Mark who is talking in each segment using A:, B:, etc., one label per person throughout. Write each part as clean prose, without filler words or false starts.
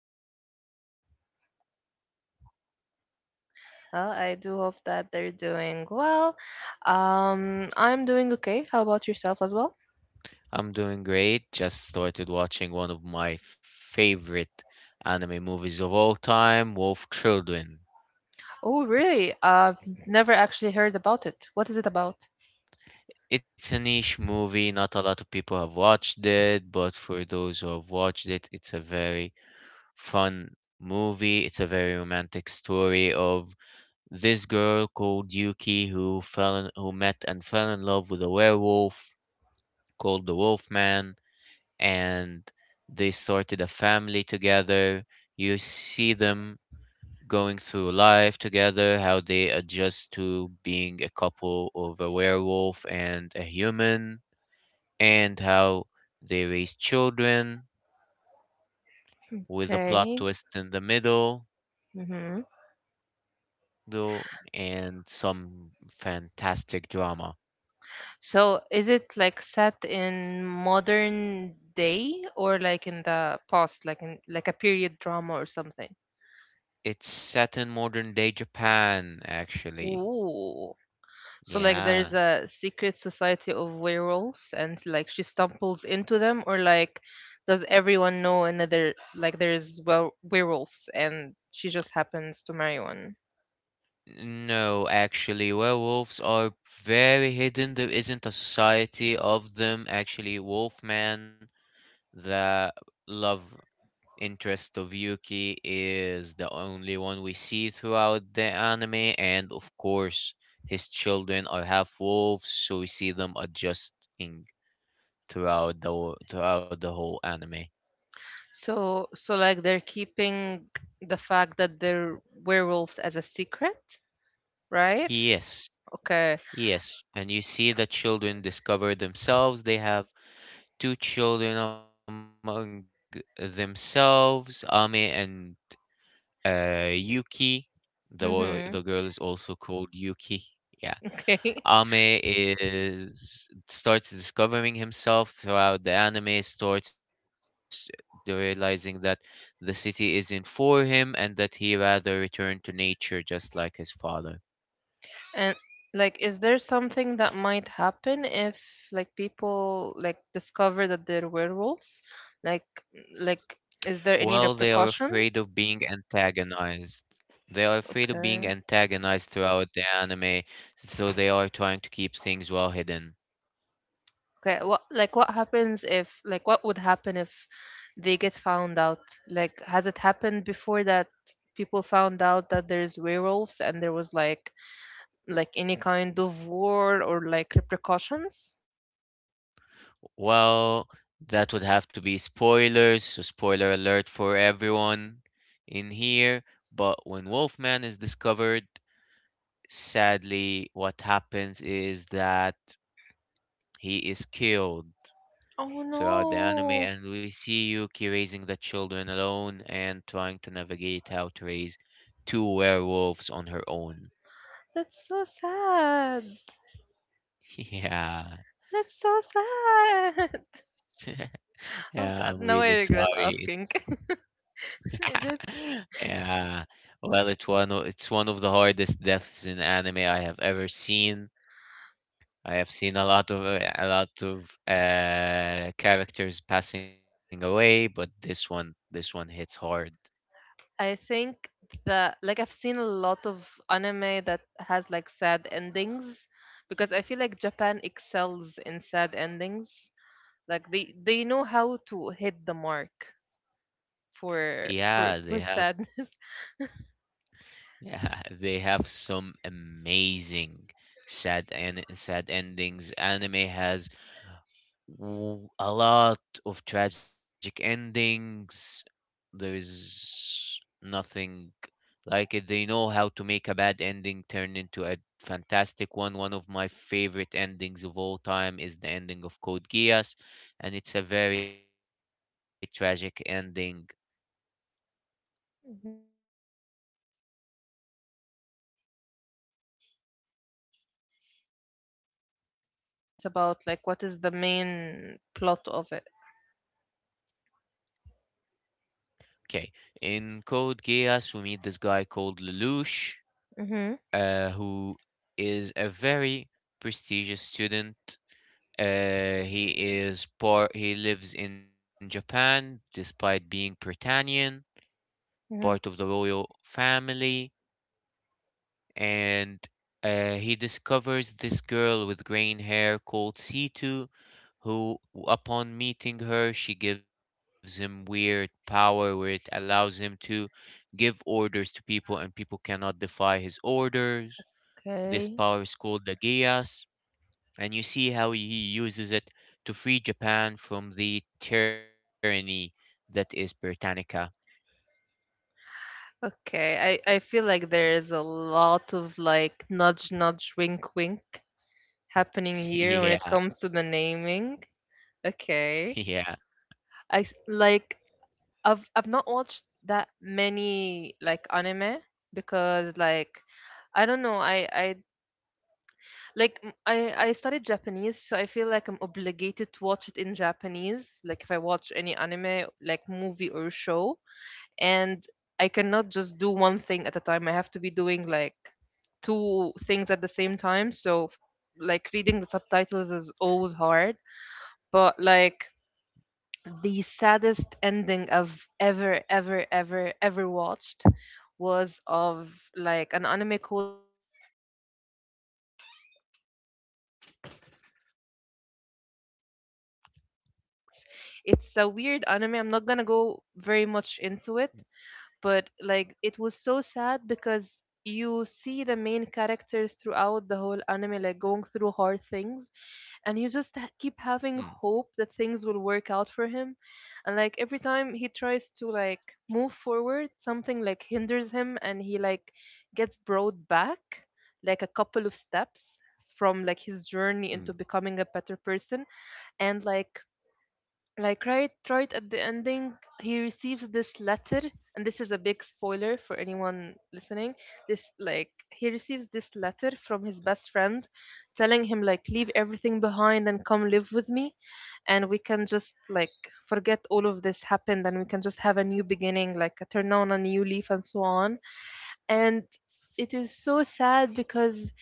A: Say hello.
B: Hello guys, how are you doing today?
A: I do hope that they're doing well. I'm doing okay. How about yourself as well?
B: I'm doing great. Just started watching one of my favorite anime movies of all time, Wolf Children.
A: Oh, really? I've never actually heard about it. What is it about?
B: It's a niche movie, not a lot of people have watched it, but for those who have watched it, it's a very fun movie. It's a very romantic story of this girl called Yuki who fell in, who met and fell in love with a werewolf called the Wolfman and they sorted a family together. You see them going through life together, how they adjust to being a couple of a werewolf and a human, and how they raise children with a plot
A: Okay.
B: twist in the middle,
A: Mm-hmm.
B: though, and some fantastic drama.
A: So, is it like set in modern day or like in the past, like in like a period drama or something?
B: It's set in modern day Japan, actually.
A: Ooh. So like there's
B: Yeah.
A: a secret society of werewolves and like she stumbles into them or like does everyone know another like there's well werewolves and she just happens to marry one?
B: No, actually, werewolves are very hidden. There isn't a society of them. Actually, Wolfman, the love interest of Yuki, is the only one we see throughout the anime, and of course, his children are half wolves, so we see them adjusting throughout throughout the whole anime.
A: So like they're keeping the fact that they're werewolves as a secret, right?
B: Yes,
A: Okay.
B: yes, and you see the children discover themselves. They have two children among themselves, Ame and Yuki.
A: Mm-hmm.
B: The girl is also called Yuki. Yeah,
A: Okay.
B: Ame is starts discovering himself throughout the anime. Starts realizing that the city isn't for him and that he rather return to nature, just like his father.
A: And like, is there something that might happen if like people like discover that they're werewolves? Like, like, is there any
B: Well, they are afraid
A: repercussions?
B: of being antagonized. They are afraid of
A: Okay.
B: being antagonized throughout the anime, so they are trying to keep things well hidden.
A: Okay. What what happens if like what would happen if they get found out? Like, has it happened before that people found out that there's werewolves and there was like any kind of war or like repercussions?
B: Well, that would have to be spoilers, so spoiler alert for everyone in here. But when Wolfman is discovered, sadly, what happens is that he is killed
A: Oh
B: throughout the anime,
A: no.
B: and we see Yuki raising the children alone and trying to navigate how to raise two werewolves on her own.
A: That's so sad.
B: Yeah.
A: That's so sad. Oh
B: Yeah,
A: God,
B: I'm
A: now I
B: really
A: regret
B: sorry.
A: asking.
B: It's-
A: That's,
B: yeah. Well, it's one of the hardest deaths in anime I have ever seen. I have seen a lot of characters passing away, but this one hits hard.
A: I think that like I've seen a lot of anime that has like sad endings because I feel like Japan excels in sad endings. Like they know how to hit the mark
B: Yeah, they
A: for
B: have
A: sad.
B: Yeah, they have some amazing sad endings. Anime has a lot of tragic endings. There is nothing like it. They know how to make a bad ending turn into a fantastic one. One of my favorite endings of all time is the ending of Code Geass, and it's a very tragic ending.
A: Mhm. I could get. I don't know if I've heard about it either. What is it about? Like what is the main plot of it?
B: Okay, in Code Geass, we meet this guy called Lelouch
A: Mm-hmm.
B: who is a very prestigious student. He is part. He lives in Japan, despite being Britannian, part of the royal family, and he discovers this girl with green hair called Situ, who, upon meeting her, she gives him weird power where it allows him to give orders to people, and people cannot defy his orders. This
A: Okay.
B: power is called the Geas, and you see how he uses it to free Japan from the tyranny that is Britannica.
A: Okay, I feel like there is a lot of like nudge, nudge, wink, wink happening here when it
B: yeah,
A: comes to the naming. Okay.
B: yeah.
A: Like I've not watched that many like anime because like I don't know, I like I studied Japanese, so I feel like I'm obligated to watch it in Japanese, like if I watch any anime, like movie or show, and I cannot just do one thing at a time. I have to be doing like two things at the same time. Like reading the subtitles is always hard, but like the saddest ending I've ever watched was of like an anime called Banana Fish, and it's kind of popular and it's kind of not at the same time. Like it's a weird anime, I'm not gonna go very much into it, but like it was so sad because you see the main characters throughout the whole anime like going through hard things and you just keep
B: Mm,
A: having hope that things will work out for him. And like every time he tries to like move forward, something like hinders him and he like gets brought back like a couple of steps from like his
B: mm,
A: journey into becoming a better person. And like right at the ending, he receives this letter, and this is a big spoiler for anyone listening. This like he receives this letter from his best friend telling him like leave everything behind and come live with me, and we can just like forget all of this happened and we can just have a new beginning, like a turn on a new leaf and so on. And it is so sad because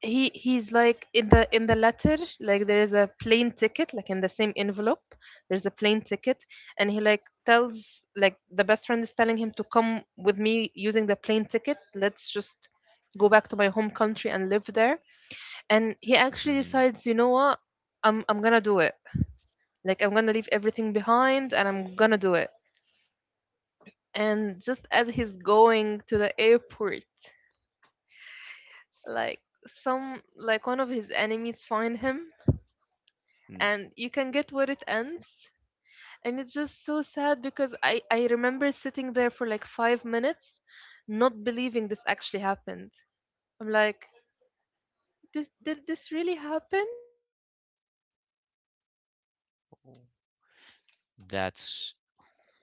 A: he's like in the letter, like there is a plane ticket like in the same envelope, there's a plane ticket, and he like tells, like the best friend is telling him to come with me using the plane ticket, let's just go back to my home country and live there. And he
B: mhm,
A: actually decides, you know what, I'm gonna do it, like I'm gonna leave everything behind and I'm gonna do it. And just as he's going to the airport, like some like one of his enemies find him,
B: mm.
A: and you can get where it ends. And it's just so sad because I remember sitting there for like 5 minutes not believing this actually happened. I'm like, this did this really happen? Are we really going to end it on a sad ending?
B: That's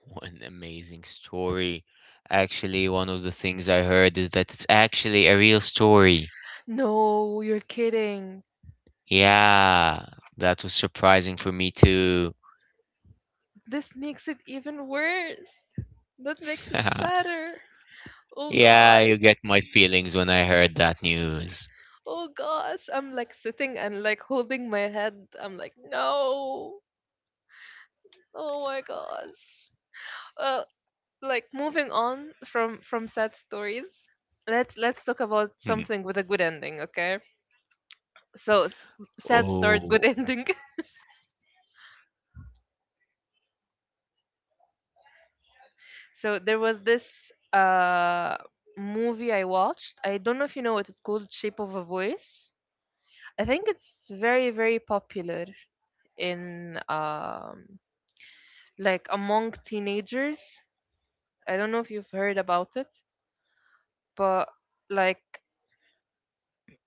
B: one
A: Yeah, so
B: amazing
A: I was like,
B: story. Actually, one of the things I heard is that it's actually a real story.
A: no, you're kidding.
B: Yeah, that was surprising for me too.
A: This makes it even worse. That makes it sadder. Oh
B: Yeah,
A: gosh.
B: you get my feelings when I heard that news.
A: Oh gosh, I'm like sitting and like holding my head. I'm like, no. Oh my gosh. uh, like moving on from sad stories, let's talk about something with a good ending, okay. So sad
B: Oh.
A: story good ending.
B: Yeah, one of the animes that have a sad story but a really, really
A: So there was
B: romantic
A: this
B: and loving ending.
A: uh movie I watched, I don't know if you know it, it's called Shape of a Voice. I think it's
B: Okay.
A: very very popular in
B: Mm-hmm.
A: like among teenagers. I don't know if you've heard about it, but like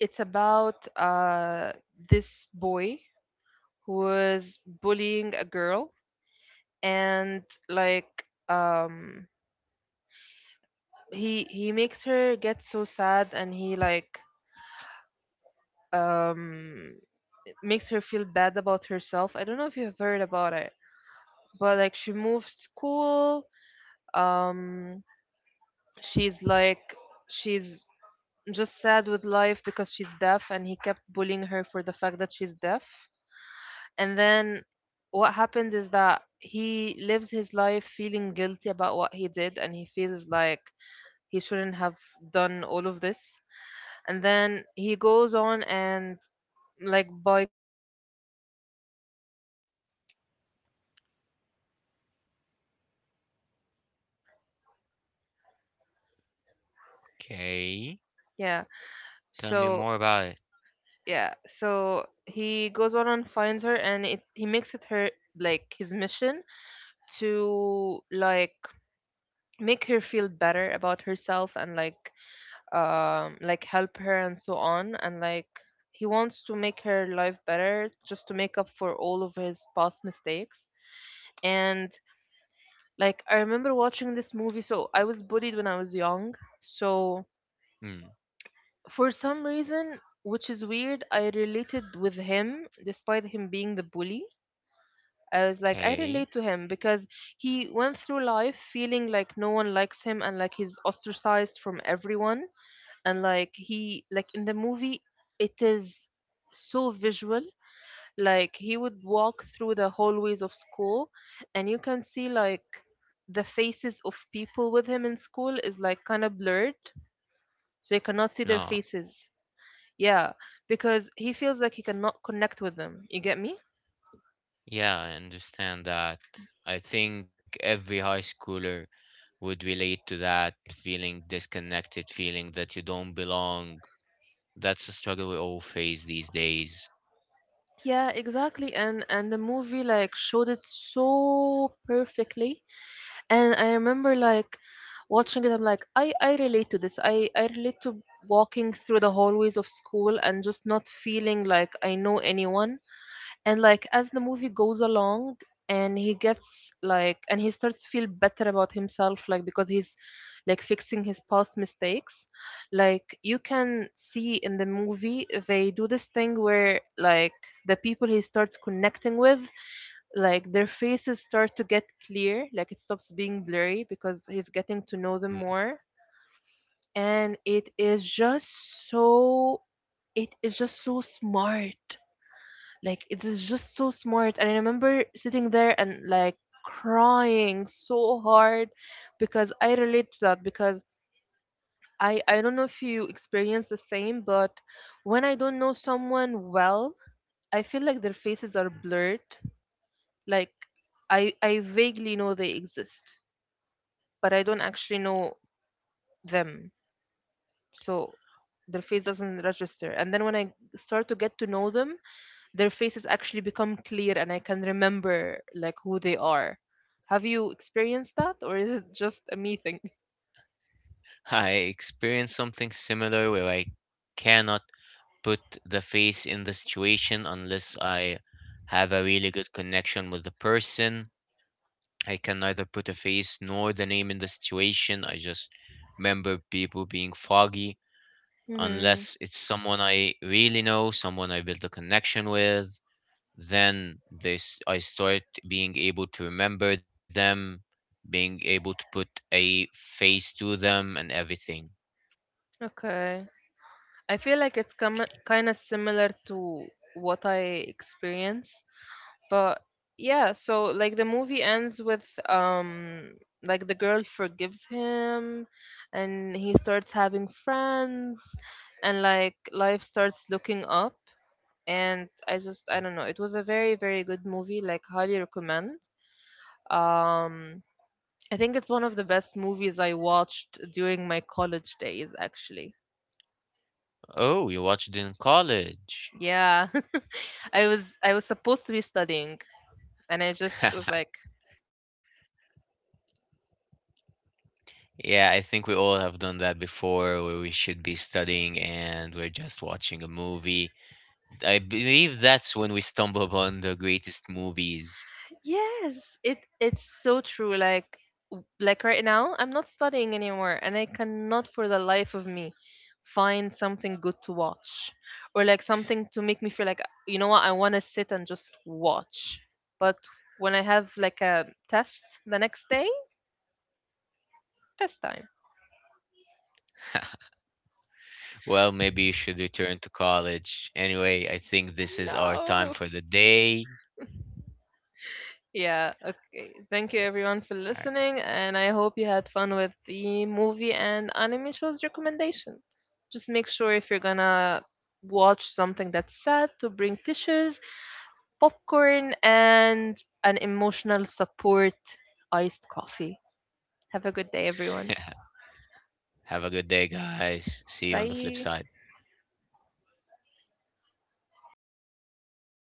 A: it's about this boy who was bullying a girl. And like he makes her get so sad and he like um makes her feel bad about herself. I don't know if you've heard about it, but like she moves school. Um, she's like she's just sad with life because she's deaf, and he kept bullying her for the fact that she's deaf. And then what happens is that he lives his life feeling guilty about what he did and he feels like he shouldn't have done all of this. And then he goes on and like by coincidence he finds her. So
B: Okay.
A: yeah.
B: Tell me more
A: So
B: about it.
A: yeah. So he goes on and finds her and it he makes it her like his mission to like make her feel better about herself and like help her and so on. And like he wants to make her life better just to make up for all of his past mistakes. And like I remember watching this movie. So I was bullied when I was young. So
B: Mm.
A: for some reason, which is weird, I related with him despite him being the bully. I was like, I
B: Okay.
A: relate to him because he went through life feeling like no one likes him and like he's ostracized from everyone. And like he like in the movie it is so visual, like he would walk through the hallways of school and you can see like the faces of people with him in school is like kind of blurred, so you cannot see
B: No.
A: their faces. Yeah, because he feels like he cannot connect with them, you get me?
B: Yeah, I understand that. I think every high schooler would relate to that feeling disconnected, feeling that you don't belong. That's a struggle we all face these days.
A: Yeah, exactly. And the movie like showed it so perfectly. And I remember like watching it, I'm like, I relate to this, I relate to walking through the hallways of school and just not feeling like I know anyone. And like as the movie goes along and he gets like and he starts to feel better about himself, like because he's like fixing his past mistakes, like you can see in the movie they do this thing where like the people he starts connecting with, like their faces start to get clear, like it stops being blurry because he's getting to know them more. And it is just so smart. Like it is just so smart. And I remember sitting there and like crying so hard because I relate to that, because I don't know if you experience the same, but when I don't know someone well, I feel like their faces are blurred. Like I vaguely know they exist, but I don't actually know them. So their face doesn't register. And then when I start to get to know them, their faces actually become clear and I can remember like who they are. Have you experienced that or is it just a me thing?
B: I experienced something similar where I cannot put the face in the situation unless I have a really good connection with the person. I can neither put a face nor the name in the situation. I just remember people being foggy
A: Mm-hmm.
B: unless it's someone I really know, someone I built a connection with, then this I start being able to remember them, being able to put a face to them and everything.
A: Okay. I feel like it's
B: Okay.
A: kind of similar to what I experience, but yeah, so like the movie ends with like the girl forgives him and he starts having friends and like life starts looking up. And I just I don't know, it was a very very good movie, like highly recommend. um I think it's one of the best movies I watched during my college days, actually.
B: Oh, you watched it in college.
A: Yeah. I was supposed to be studying and I just was like, why study, you can just, you know.
B: Yeah, I think we all have done that before where we should be studying and we're just watching a movie. I believe that's when we stumble upon the greatest movies.
A: Yes, it it's so true. Like like right now, I'm not studying anymore, and I cannot for the life of me find something good to watch, or like something to make me feel like, you know what, I want to sit and just watch. But when I have like a test the next day, test time.
B: Well, maybe you should return to college. Anyway, I think this is our time
A: No.
B: for the day.
A: Yeah, okay. Thank you everyone
B: All
A: for
B: right.
A: listening, and I hope you had fun with the movie and anime shows recommendation. Just make sure if you're gonna watch something that's sad to bring tissues, popcorn, and an emotional support iced coffee. Have a good day, everyone.
B: Have a good day, guys. See you on the flip
A: Bye.
B: side.